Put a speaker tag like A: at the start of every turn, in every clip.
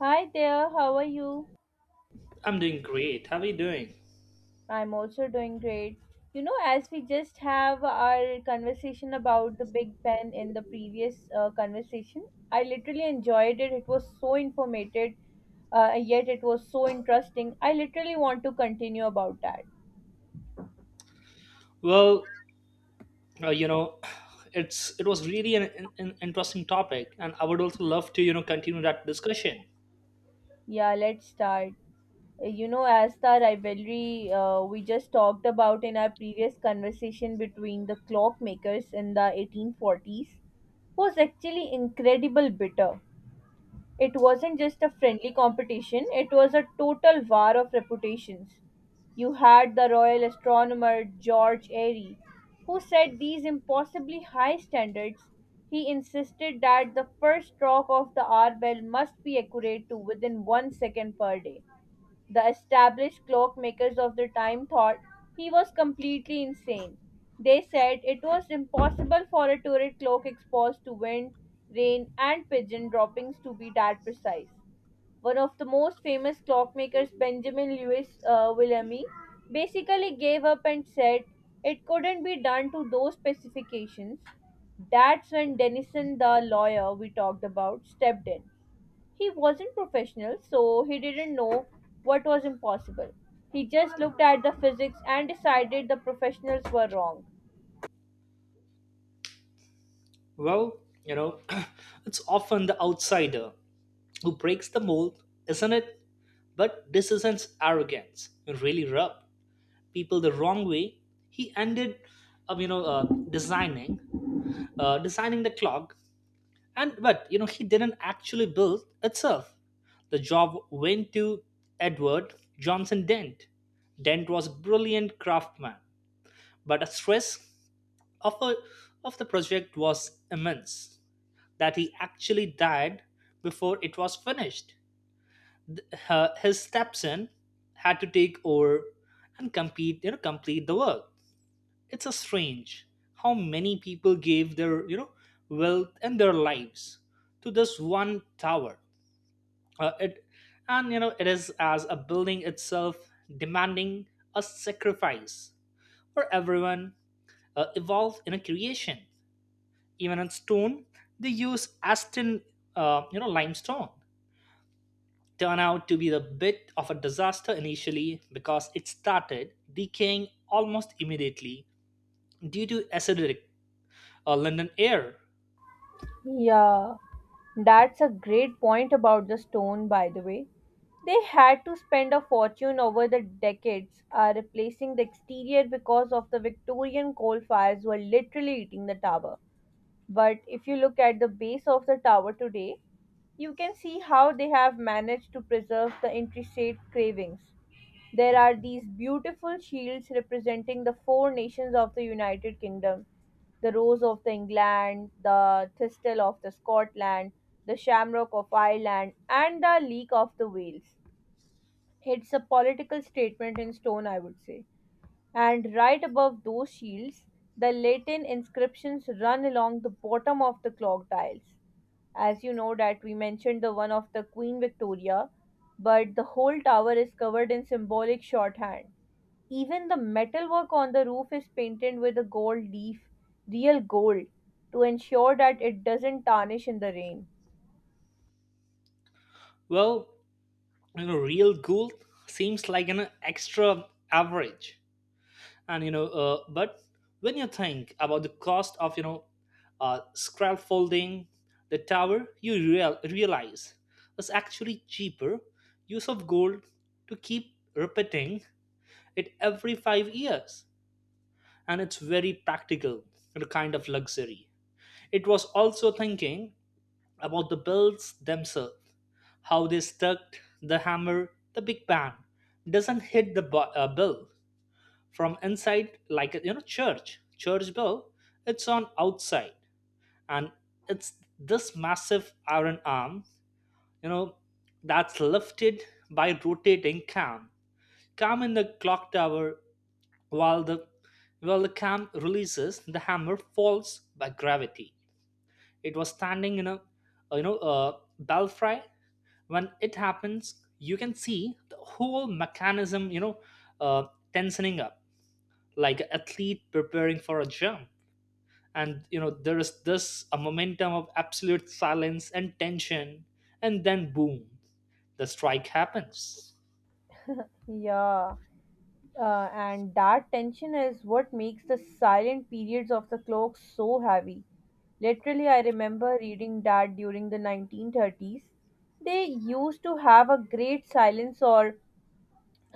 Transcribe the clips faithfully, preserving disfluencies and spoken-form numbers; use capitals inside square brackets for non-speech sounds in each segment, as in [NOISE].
A: Hi there, how are you?
B: I'm doing great. How are you doing?
A: I'm also doing great. You know, as we just have our conversation about the Big Ben in the previous uh, conversation, I literally enjoyed it. It was so informative, uh, yet it was so interesting. I literally want to continue about that.
B: Well, uh, you know, [SIGHS] it's it was really an, an, an interesting topic, and I would also love to you know continue that discussion.
A: Yeah, let's start. Uh, You know, as the rivalry uh, we just talked about in our previous conversation between the clockmakers in the eighteen forties was actually incredible bitter. It wasn't just a friendly competition, it was a total war of reputations. You had the royal astronomer George Airy, who set these impossibly high standards. He insisted that the first stroke of the hour bell must be accurate to within one second per day. The established clockmakers of the time thought he was completely insane. They said it was impossible for a turret clock exposed to wind, rain, and pigeon droppings to be that precise. One of the most famous clockmakers, Benjamin Lewis uh, Willamy, basically gave up and said it couldn't be done to those specifications. That's when Denison, the lawyer we talked about, stepped in. He wasn't professional, so he didn't know what was impossible. He just looked at the physics and decided the professionals were wrong.
B: Well, you know, [CLEARS THROAT] it's often the outsider who breaks the mold, isn't it? But this isn't arrogance. It really rubbed people the wrong way. He ended up, you know, uh, designing, uh, designing the clock, and but you know he didn't actually build itself. The job went to Edward Johnson Dent. Dent was a brilliant craftsman, but the stress of, a, of the project was immense that he actually died before it was finished. Th- her- his stepson had to take over and compete, you know complete the work. It's a strange how many people gave their you know wealth and their lives to this one tower. Uh, it And you know it is as a building itself demanding a sacrifice for everyone uh, evolved in a creation, even in stone. They use Aston, uh, you know, limestone turn out to be the bit of a disaster initially because it started decaying almost immediately due to acidic uh, London air.
A: Yeah, that's a great point about the stone, by the way. They had to spend a fortune over the decades uh, replacing the exterior because of the Victorian coal fires were literally eating the tower. But if you look at the base of the tower today, you can see how they have managed to preserve the intricate cravings. There are these beautiful shields representing the four nations of the United Kingdom: the Rose of the England, the Thistle of the Scotland, the Shamrock of Ireland, and the Leek of the Wales. It's a political statement in stone, I would say, and right above those shields, the Latin inscriptions run along the bottom of the clock dials. As you know that we mentioned the one of the Queen Victoria, but the whole tower is covered in symbolic shorthand. Even the metalwork on the roof is painted with a gold leaf, real gold, to ensure that it doesn't tarnish in the rain.
B: Well, you know, real gold seems like an extra average, and you know, uh, but when you think about the cost of, you know, uh, scaffolding the tower, you real- realize it's actually cheaper use of gold to keep repeating it every five years, and it's very practical and a kind of luxury. It was also thinking about the bills themselves, how they stuck. The hammer, the Big Bang, doesn't hit the bu- uh, bill from inside like, you know, church church bell. It's on outside, and it's this massive iron arm, you know, that's lifted by rotating cam, cam in the clock tower. while the while the cam releases, the hammer falls by gravity. It was standing in a, you know, a belfry. When it happens, you can see the whole mechanism, you know, uh, tensioning up like an athlete preparing for a jump. And you know there is this a momentum of absolute silence and tension, and then boom, the strike happens.
A: Yeah. Uh, and that tension is what makes the silent periods of the clock so heavy. Literally, I remember reading that during the nineteen thirties, they used to have a great silence or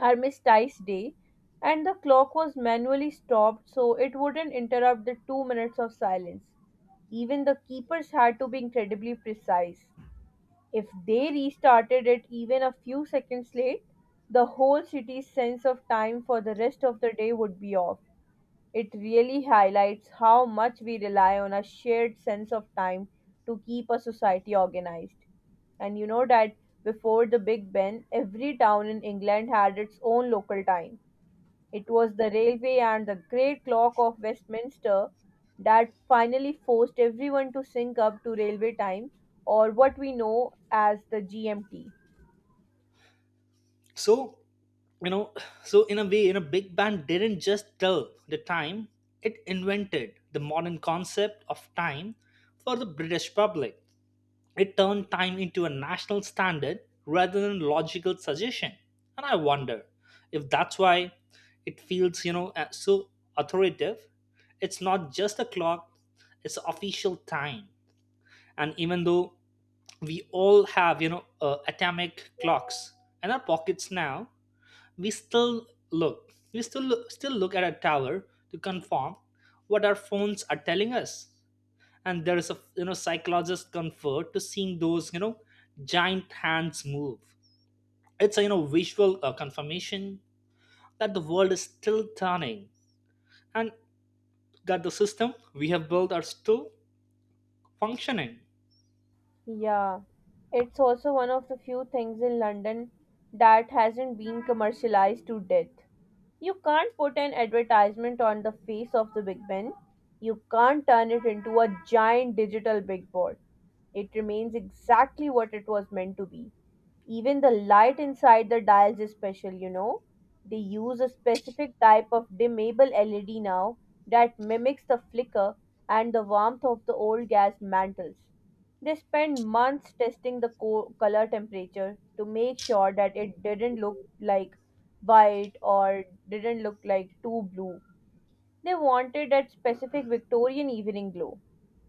A: armistice day, and the clock was manually stopped so it wouldn't interrupt the two minutes of silence. Even the keepers had to be incredibly precise. If they restarted it even a few seconds late, the whole city's sense of time for the rest of the day would be off. It really highlights how much we rely on a shared sense of time to keep a society organized. And you know that before the Big Ben, every town in England had its own local time. It was the railway and the great clock of Westminster that finally forced everyone to sync up to railway time, or what we know as the G M T.
B: So, you know, so in a way, you know, Big Band didn't just tell the time, it invented the modern concept of time for the British public. It turned time into a national standard rather than logical suggestion. And I wonder if that's why it feels, you know, uh, so authoritative. It's not just a clock, it's official time. And even though we all have, you know, uh, atomic clocks in our pockets now, we still look, we still look, still look at a tower to confirm what our phones are telling us. And there is a, you know, psychologist comfort to seeing those, you know, giant hands move. It's a, you know, visual uh, confirmation that the world is still turning and that the system we have built are still functioning.
A: Yeah, it's also one of the few things in London that hasn't been commercialized to death. You can't put an advertisement on the face of the Big Ben. You can't turn it into a giant digital big board. It remains exactly what it was meant to be. Even the light inside the dials is special, you know. They use a specific type of dimmable L E D now that mimics the flicker and the warmth of the old gas mantles. They spent months testing the co- color temperature to make sure that it didn't look like white or didn't look like too blue. They wanted that specific Victorian evening glow.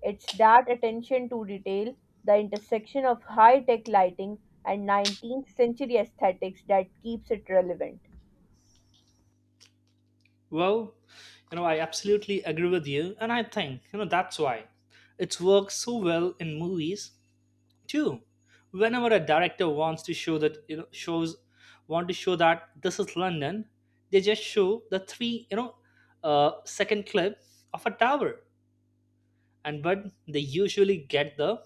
A: It's that attention to detail, the intersection of high tech lighting and nineteenth century aesthetics that keeps it relevant.
B: Well, you know, I absolutely agree with you, and I think, you know, that's why it's worked so well in movies Two, whenever a director wants to show that, you know shows want to show that this is London. They just show the three, you know, uh, second clip of a tower, and but they usually get the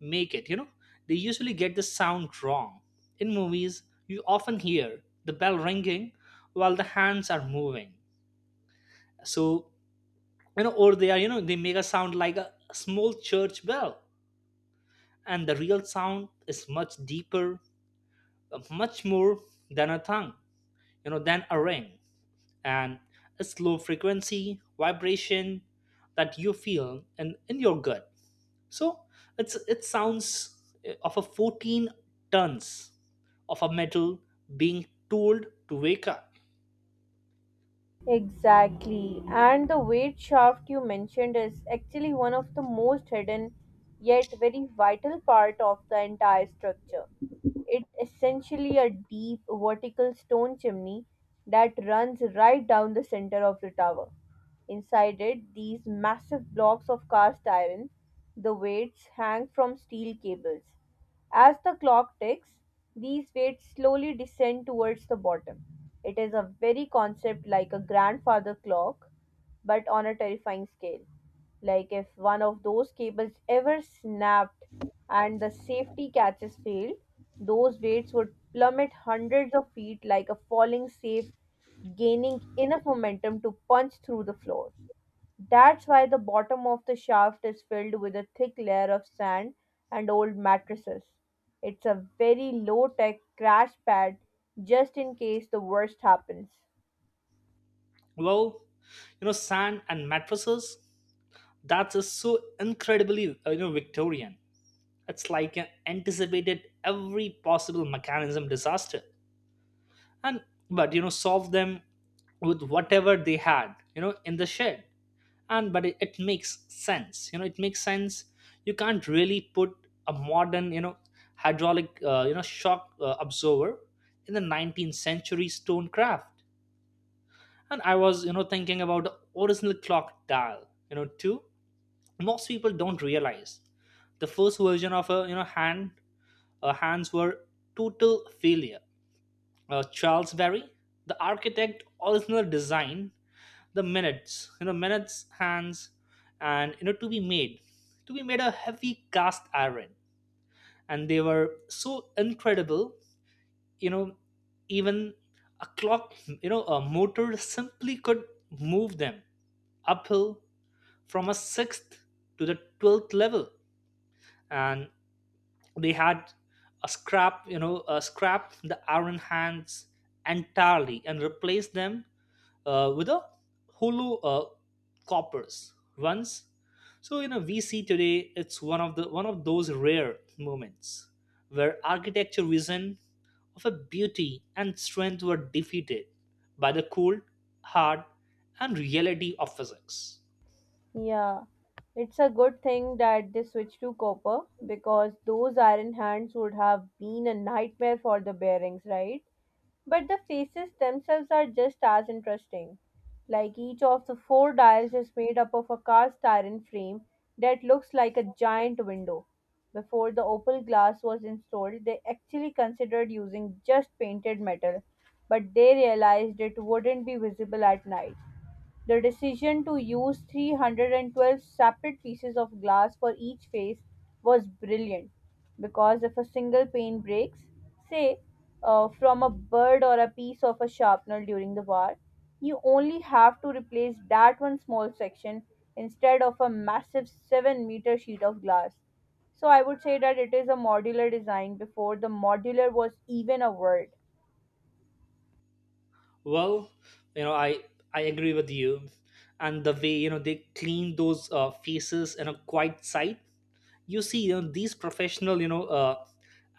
B: make it you know they usually get the sound wrong. In movies, you often hear the bell ringing while the hands are moving. So, you know, or they are, you know, they make a sound like a small church bell, and the real sound is much deeper, much more than a tongue, you know, than a ring, and a slow frequency vibration that you feel in, in your gut. So it's it sounds eh, of a fourteen tons of a metal being told to wake up.
A: Exactly. And the weight shaft you mentioned is actually one of the most hidden yet very vital part of the entire structure. It's essentially a deep, vertical stone chimney that runs right down the center of the tower. Inside it, these massive blocks of cast iron, the weights hang from steel cables. As the clock ticks, these weights slowly descend towards the bottom. It is a very concept like a grandfather clock, but on a terrifying scale. Like if one of those cables ever snapped and the safety catches failed, those weights would plummet hundreds of feet like a falling safe, gaining enough momentum to punch through the floor. That's why the bottom of the shaft is filled with a thick layer of sand and old mattresses. It's a very low tech crash pad just in case the worst happens.
B: Well, you know, sand and mattresses, that is so incredibly uh, you know, Victorian. It's like an anticipated every possible mechanism disaster, and but you know solve them with whatever they had, you know, in the shed. And but it, it makes sense, you know it makes sense. You can't really put a modern, you know, hydraulic, uh, you know, shock uh, absorber in the nineteenth century stone craft. And I was, you know, thinking about the original clock dial, you know, too. Most people don't realize the first version of a, you know, hand, uh, hands were total failure. uh, Charles Berry, the architect original design the minutes, you know, minutes hands, and you know to be made, to be made a heavy cast iron, and they were so incredible, you know, even a clock, you know, a motor simply could move them uphill from a sixth to the twelfth level. And they had a scrap, you know, a scrap the iron hands entirely and replaced them uh, with a hollow uh, coppers once. So, you know, we see today it's one of the one of those rare moments where architecture vision of a beauty and strength were defeated by the cold, hard, and reality of physics.
A: Yeah, it's a good thing that they switched to copper because those iron hands would have been a nightmare for the bearings, right? But the faces themselves are just as interesting. Like each of the four dials is made up of a cast iron frame that looks like a giant window. Before the opal glass was installed, they actually considered using just painted metal, but they realized it wouldn't be visible at night. The decision to use three hundred twelve separate pieces of glass for each face was brilliant because if a single pane breaks, say uh, from a bird or a piece of a sharpener during the war, you only have to replace that one small section instead of a massive seven meter sheet of glass. So I would say that it is a modular design before the modular was even a word.
B: Well, you know, I I agree with you, and the way, you know, they clean those uh, faces in a quiet sight, you see, you know, these professional, you know, uh,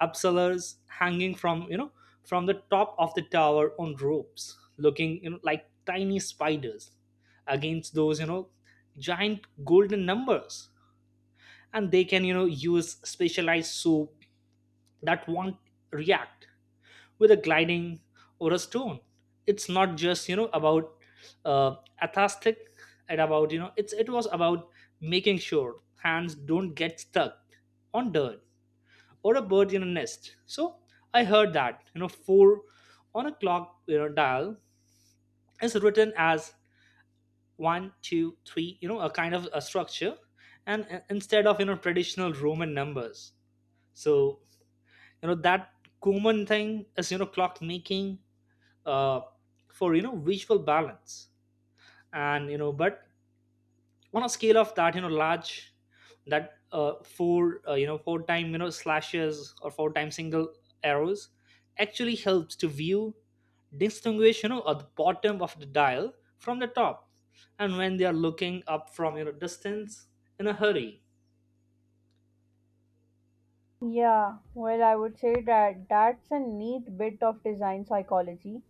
B: upsellers hanging from, you know, from the top of the tower on ropes, looking, you know, like tiny spiders against those, you know, giant golden numbers. And they can, you know, use specialized soup that won't react with a gliding or a stone. It's not just, you know, about uh, athastic and about, you know, it's it was about making sure hands don't get stuck on dirt or a bird in a nest. So I heard that, you know, four on a clock, you know, dial is written as one, two, three. You know, a kind of a structure, and uh, instead of, you know, traditional Roman numbers. So, you know, that common thing is, you know, clock making, uh, for, you know, visual balance. And you know but on a scale of that, you know, large that uh, four, uh, you know, four time, you know, slashes or four time single arrows actually helps to view, distinguish, you know, at the bottom of the dial from the top, and when they are looking up from, you know, distance in a hurry.
A: Yeah, well, I would say that that's a neat bit of design psychology.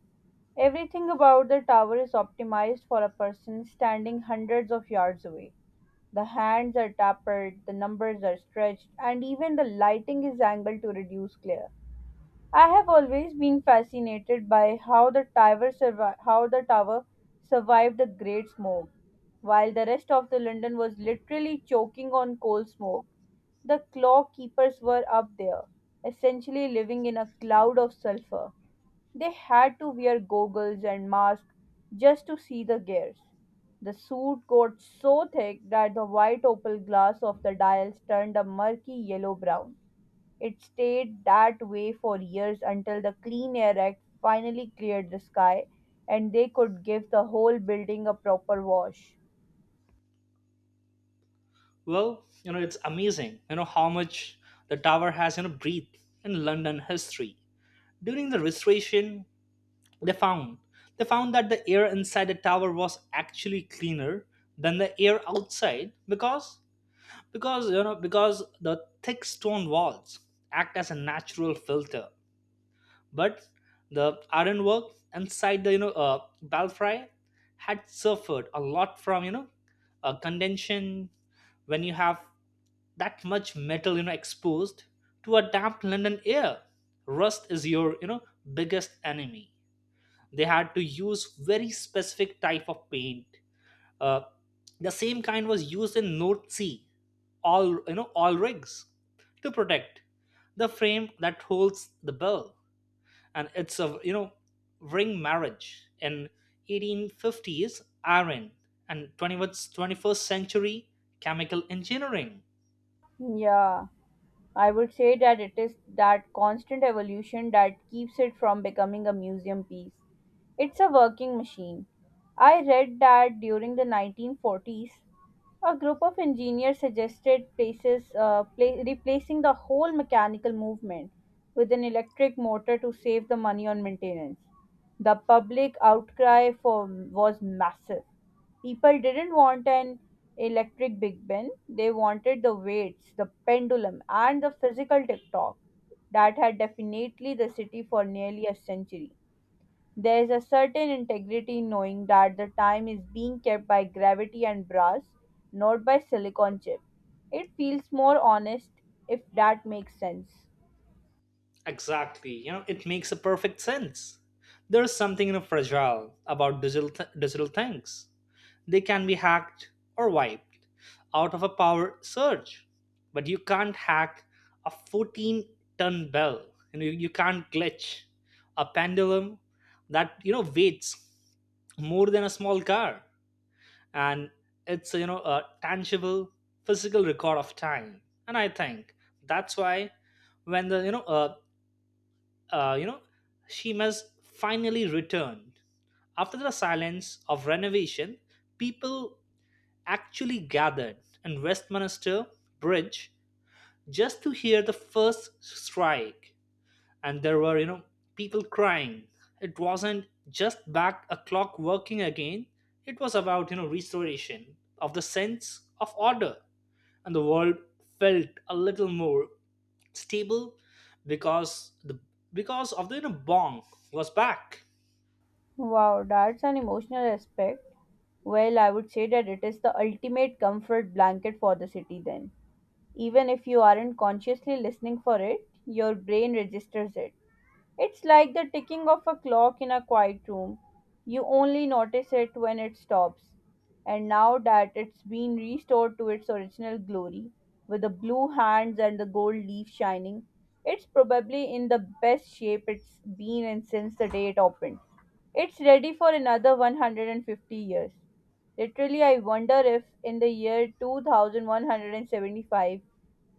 A: Everything about the tower is optimized for a person standing hundreds of yards away. The hands are tapered, the numbers are stretched, and even the lighting is angled to reduce glare. I have always been fascinated by how the tower survi- how the tower survived the Great Smoke, while the rest of the London was literally choking on coal smoke. The claw keepers were up there, essentially living in a cloud of sulfur. They had to wear goggles and masks just to see the gears. The suit got so thick that the white opal glass of the dials turned a murky yellow brown. It stayed that way for years until the Clean Air Act finally cleared the sky and they could give the whole building a proper wash.
B: Well, you know, it's amazing, you know, how much the tower has, you know, breathed in London history. During the restoration, They found they found that the air inside the tower was actually cleaner than the air outside, because because you know because the thick stone walls act as a natural filter. But the ironwork inside the, you know, uh, belfry had suffered a lot from, you know, uh, condension. When you have that much metal, you know, exposed to a damp London air, rust is your, you know, biggest enemy. They had to use very specific type of paint, uh, the same kind was used in North Sea, all, you know, all rigs, to protect the frame that holds the bell. And it's a, you know, ring marriage in eighteen fifties iron and twenty-first twenty-first century chemical engineering.
A: Yeah. I would say that it is that constant evolution that keeps it from becoming a museum piece. It's a working machine. I read that during the nineteen forties, a group of engineers suggested places, uh, pla- replacing the whole mechanical movement with an electric motor to save the money on maintenance. The public outcry for was massive. People didn't want an electric Big Ben, they wanted the weights, the pendulum, and the physical TikTok that had definitely the city for nearly a century. There is a certain integrity in knowing that the time is being kept by gravity and brass, not by silicon chip. It feels more honest if that makes sense.
B: Exactly, you know, it makes a perfect sense. There's something, you know, fragile about digital th- digital things. They can be hacked or wiped out of a power surge, but you can't hack a fourteen ton bell. You, know, you, you can't glitch a pendulum that, you know, weights more than a small car. And it's, you know, a tangible physical record of time. And I think that's why, when the, you know, uh, uh you know shemas finally returned after the silence of renovation, people actually gathered in Westminster Bridge just to hear the first strike. And there were, you know, people crying. It wasn't just back a clock working again, it was about, you know, restoration of the sense of order. And the world felt a little more stable because the because of the, you know, bong was back.
A: Wow, that's an emotional aspect. Well, I would say that it is the ultimate comfort blanket for the city then. Even if you aren't consciously listening for it, your brain registers it. It's like the ticking of a clock in a quiet room. You only notice it when it stops. And now that it's been restored to its original glory, with the blue hands and the gold leaf shining, it's probably in the best shape it's been in since the day it opened. It's ready for another one hundred fifty years. Literally, I wonder if in the year two thousand one hundred seventy-five,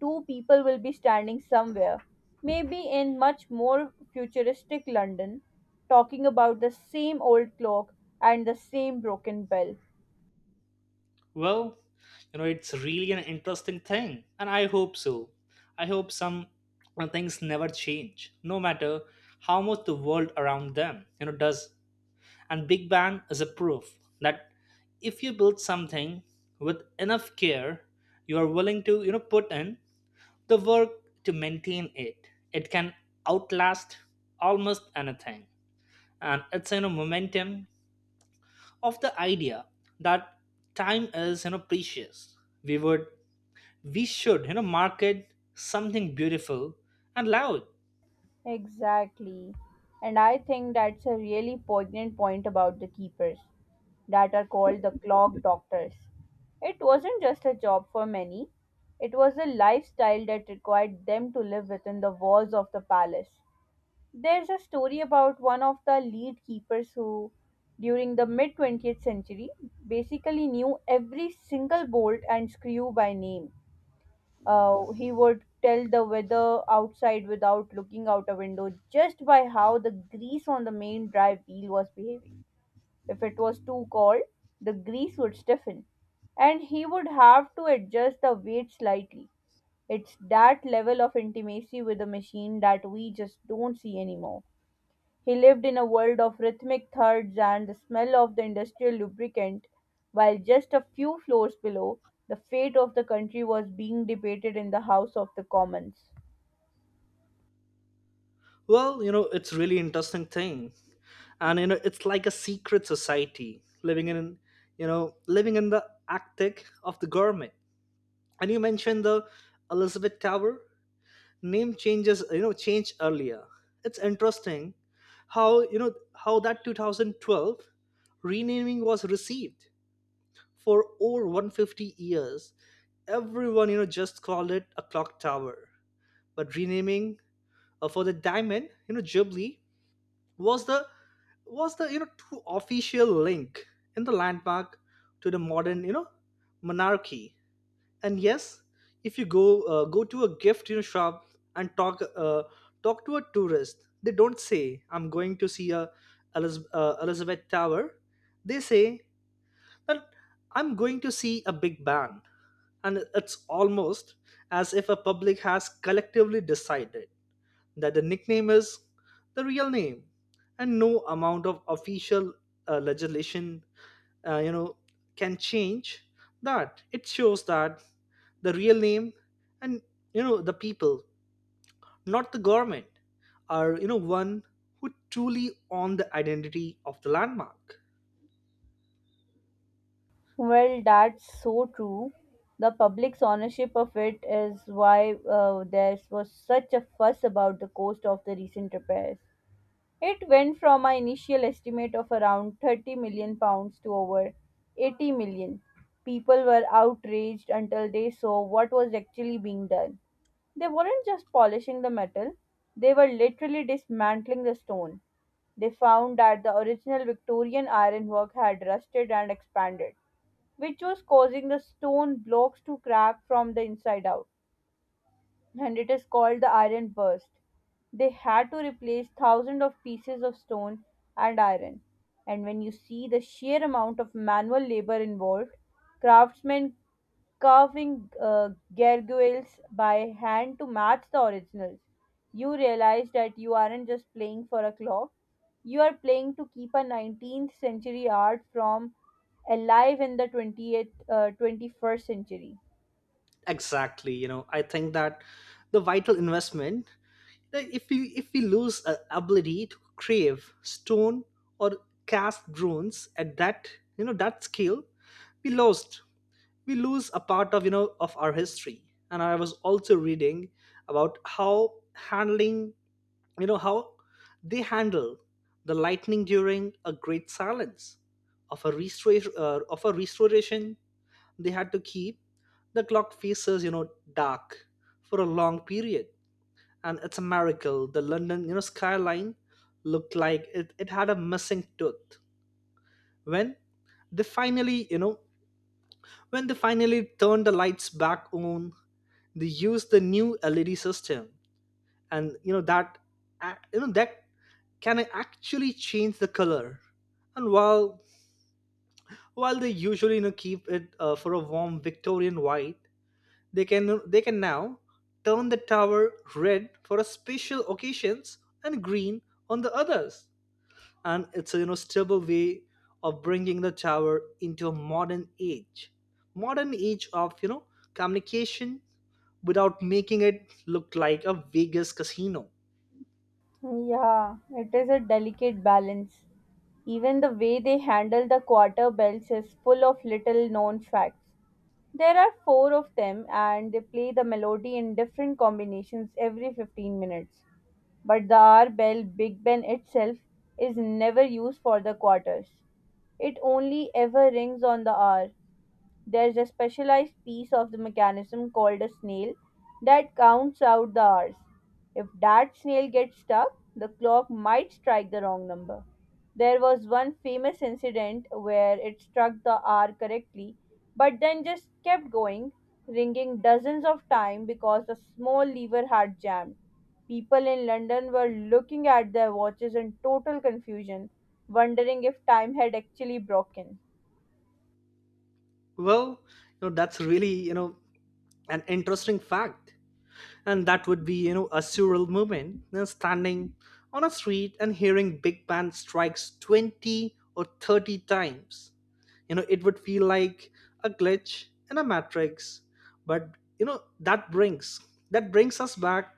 A: two people will be standing somewhere, maybe in much more futuristic London, talking about the same old clock and the same broken bell.
B: Well, you know, it's really an interesting thing, and I hope so. I hope some uh, things never change, no matter how much the world around them, you know, does. And Big Bang is a proof that if you build something with enough care, you are willing to, you know, put in the work to maintain it. It can outlast almost anything, and it's, you know, momentum of the idea that time is, you know, precious. We would we should you know market something beautiful and loud.
A: Exactly. And I think that's a really poignant point about the keepers that are called the clock doctors. It wasn't just a job for many, it was a lifestyle that required them to live within the walls of the palace. There's a story about one of the lead keepers who, during the mid twentieth century, basically knew every single bolt and screw by name uh, He would tell the weather outside without looking out a window just by how the grease on the main drive wheel was behaving. If it was too cold, the grease would stiffen and he would have to adjust the weight slightly. It's that level of intimacy with the machine that we just don't see anymore. He lived in a world of rhythmic thirds and the smell of the industrial lubricant, while just a few floors below, the fate of the country was being debated in the House of the Commons.
B: Well, you know it's really interesting thing, and you know it's like a secret society living in you know living in the attic of the government. And you mentioned the Elizabeth Tower name changes you know changed earlier. It's interesting how you know how that two thousand twelve renaming was received. For over one hundred fifty years, everyone you know just called it a clock tower, but renaming uh, for the diamond, you know, Jubilee was the was the you know true official link in the landmark to the modern you know monarchy. And yes, if you go uh, go to a gift you know, shop and talk uh, talk to a tourist, they don't say, "I'm going to see a Eliz- uh, Elizabeth Tower." They say that, "I'm going to see a Big Bang," and it's almost as if a public has collectively decided that the nickname is the real name and no amount of official uh, legislation uh, you know can change that. It shows that the real name and you know the people, not the government, are you know one who truly own the identity of the landmark.
A: Well, that's so true. The public's ownership of it is why uh, there was such a fuss about the cost of the recent repairs. It went from my initial estimate of around thirty million pounds to over eighty million. People were outraged until they saw what was actually being done. They weren't just polishing the metal, they were literally dismantling the stone. They found that the original Victorian ironwork had rusted and expanded, which was causing the stone blocks to crack from the inside out and it is called the iron burst. They had to replace thousands of pieces of stone and iron. And when you see the sheer amount of manual labor involved, craftsmen carving uh, gargoyles by hand to match the originals, you realize that you aren't just playing for a clock, you are playing to keep a nineteenth century art from alive in the twentieth, uh, twenty-first century.
B: Exactly. you know I think that the vital investment. Like, if we if we lose our ability to crave stone or cast drones at that you know that scale, we lost we lose a part of you know of our history. And I was also reading about how handling you know how they handle the lightning during a great silence of a restoration uh, of a restoration. They had to keep the clock faces you know dark for a long period, and it's a miracle the London you know skyline looked like it, it had a missing tooth. When they finally you know when they finally turned the lights back on, they used the new LED system, and you know that ac- you know that can actually change the color. And while while they usually you know keep it uh, for a warm Victorian white, they can they can now turn the tower red for a special occasions and green on the others. And it's a you know stable way of bringing the tower into a modern age modern age of you know communication without making it look like a Vegas casino.
A: Yeah, it is a delicate balance. Even the way they handle the quarter belts is full of little known facts. There are four of them, and they play the melody in different combinations every fifteen minutes. But the R bell, Big Ben itself, is never used for the quarters. It only ever rings on the hour. There's a specialized piece of the mechanism called a snail that counts out the hours. If that snail gets stuck, the clock might strike the wrong number. There was one famous incident where it struck the hour correctly, but then just kept going, ringing dozens of times because a small lever had jammed. People in London were looking at their watches in total confusion, wondering if time had actually broken.
B: Well, you know that's really you know an interesting fact, and that would be you know a surreal moment, you know, standing on a street and hearing big band strikes twenty or thirty times. You know it would feel like a glitch in a matrix. But you know that brings that brings us back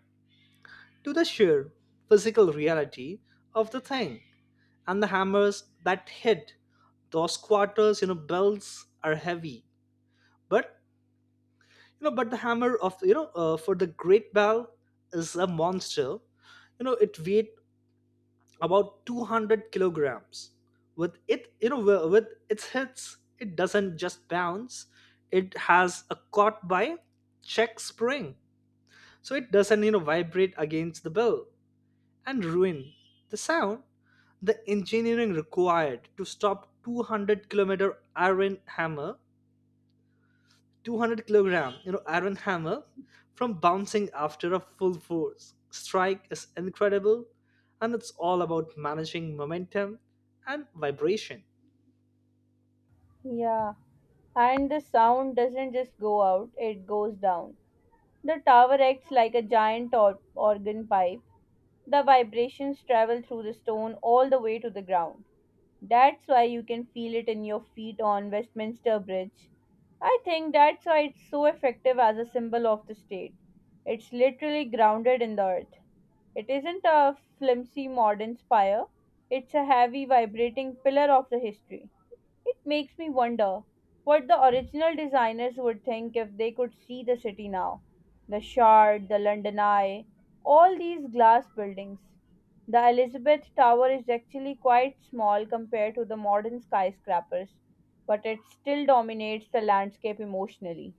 B: to the sheer physical reality of the thing. And the hammers that hit those quarters you know bells are heavy, but you know but the hammer of you know uh, for the great bell is a monster. You know it weighed about two hundred kilograms. With it you know wi- with its hits, it doesn't just bounce. It has a caught by check spring, so it doesn't you know vibrate against the bell and ruin the sound. The engineering required to stop two hundred kilometer iron hammer two hundred kilogram you know iron hammer from bouncing after a full force strike is incredible, and it's all about managing momentum and vibration.
A: Yeah. And the sound doesn't just go out, it goes down. The tower acts like a giant or- organ pipe. The vibrations travel through the stone all the way to the ground. That's why you can feel it in your feet on Westminster Bridge. I think that's why it's so effective as a symbol of the state. It's literally grounded in the earth. It isn't a flimsy modern spire, it's a heavy vibrating pillar of the history. It makes me wonder what the original designers would think if they could see the city now. The Shard, the London Eye, all these glass buildings. The Elizabeth Tower is actually quite small compared to the modern skyscrapers, but it still dominates the landscape emotionally.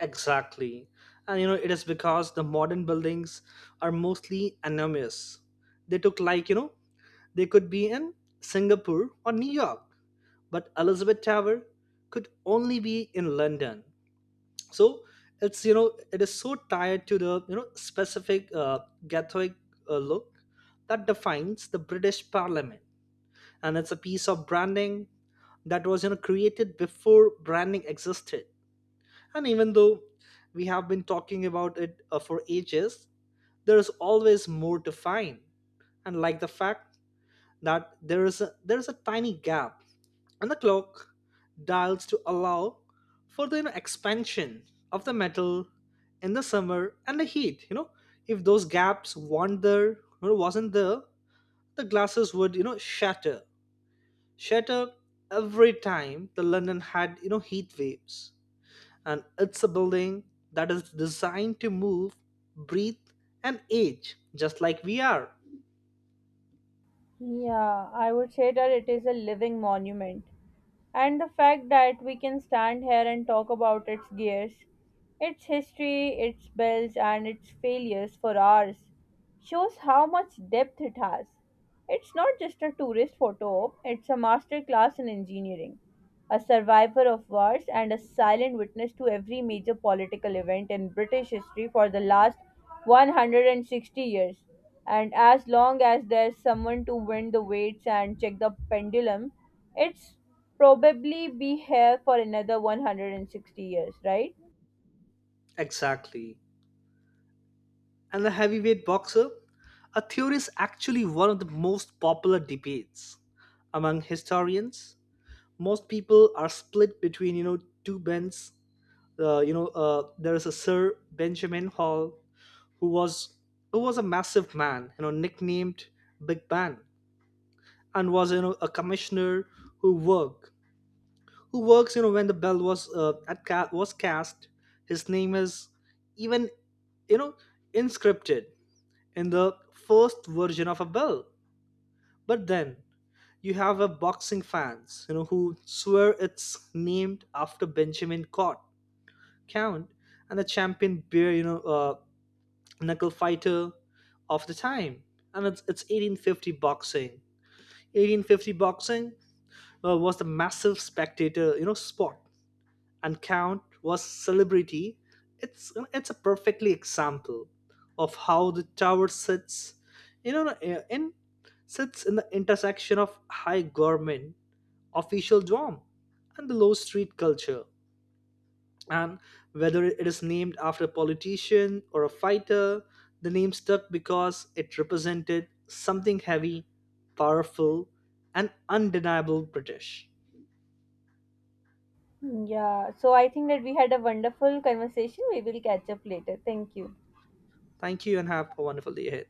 B: Exactly. And you know it is because the modern buildings are mostly enormous. They took like you know they could be in Singapore or New York, but Elizabeth Tower could only be in London. So it's you know it is so tied to the you know specific uh, Gothic uh, look that defines the British Parliament. And it's a piece of branding that was you know created before branding existed. And even though we have been talking about it uh, for ages, there is always more to find, and like the fact that there is a there is a tiny gap and the clock dials to allow for the you know, expansion of the metal in the summer and the heat you know If those gaps weren't there or wasn't there, the glasses would you know shatter shatter every time the London had you know heat waves. And it's a building that is designed to move, breathe, and age just like we are.
A: Yeah, I would say that it is a living monument. And the fact that we can stand here and talk about its gears, its history, its bells, and its failures for hours shows how much depth it has. It's not just a tourist photo op, it's a masterclass in engineering, a survivor of wars, and a silent witness to every major political event in British history for the last one hundred sixty years. And as long as there's someone to wind the weights and check the pendulum, it's probably be here for another one hundred sixty years, right?
B: Exactly. And the heavyweight boxer, a theory is actually one of the most popular debates among historians. Most people are split between you know two bends. Uh, you know uh, there is a Sir Benjamin Hall who was who was a massive man, you know, nicknamed Big Ben, and was you know a commissioner who worked who works you know when the bell was uh, at ca- was cast. His name is even you know inscripted in the first version of a bill. But then you have a boxing fans, you know, who swear it's named after Benjamin Cott, Count, and the champion beer, you know, uh, knuckle fighter of the time. And it's, it's eighteen fifty boxing. eighteen fifty boxing uh, was the massive spectator, you know, sport, and Count was celebrity. It's it's a perfectly example of how the tower sits, you know, uh, in sits in the intersection of high government, official dorm, and the low street culture. And whether it is named after a politician or a fighter, the name stuck because it represented something heavy, powerful, and undeniable British.
A: Yeah, so I think that we had a wonderful conversation. We will catch up later. Thank you.
B: Thank you, and have a wonderful day ahead.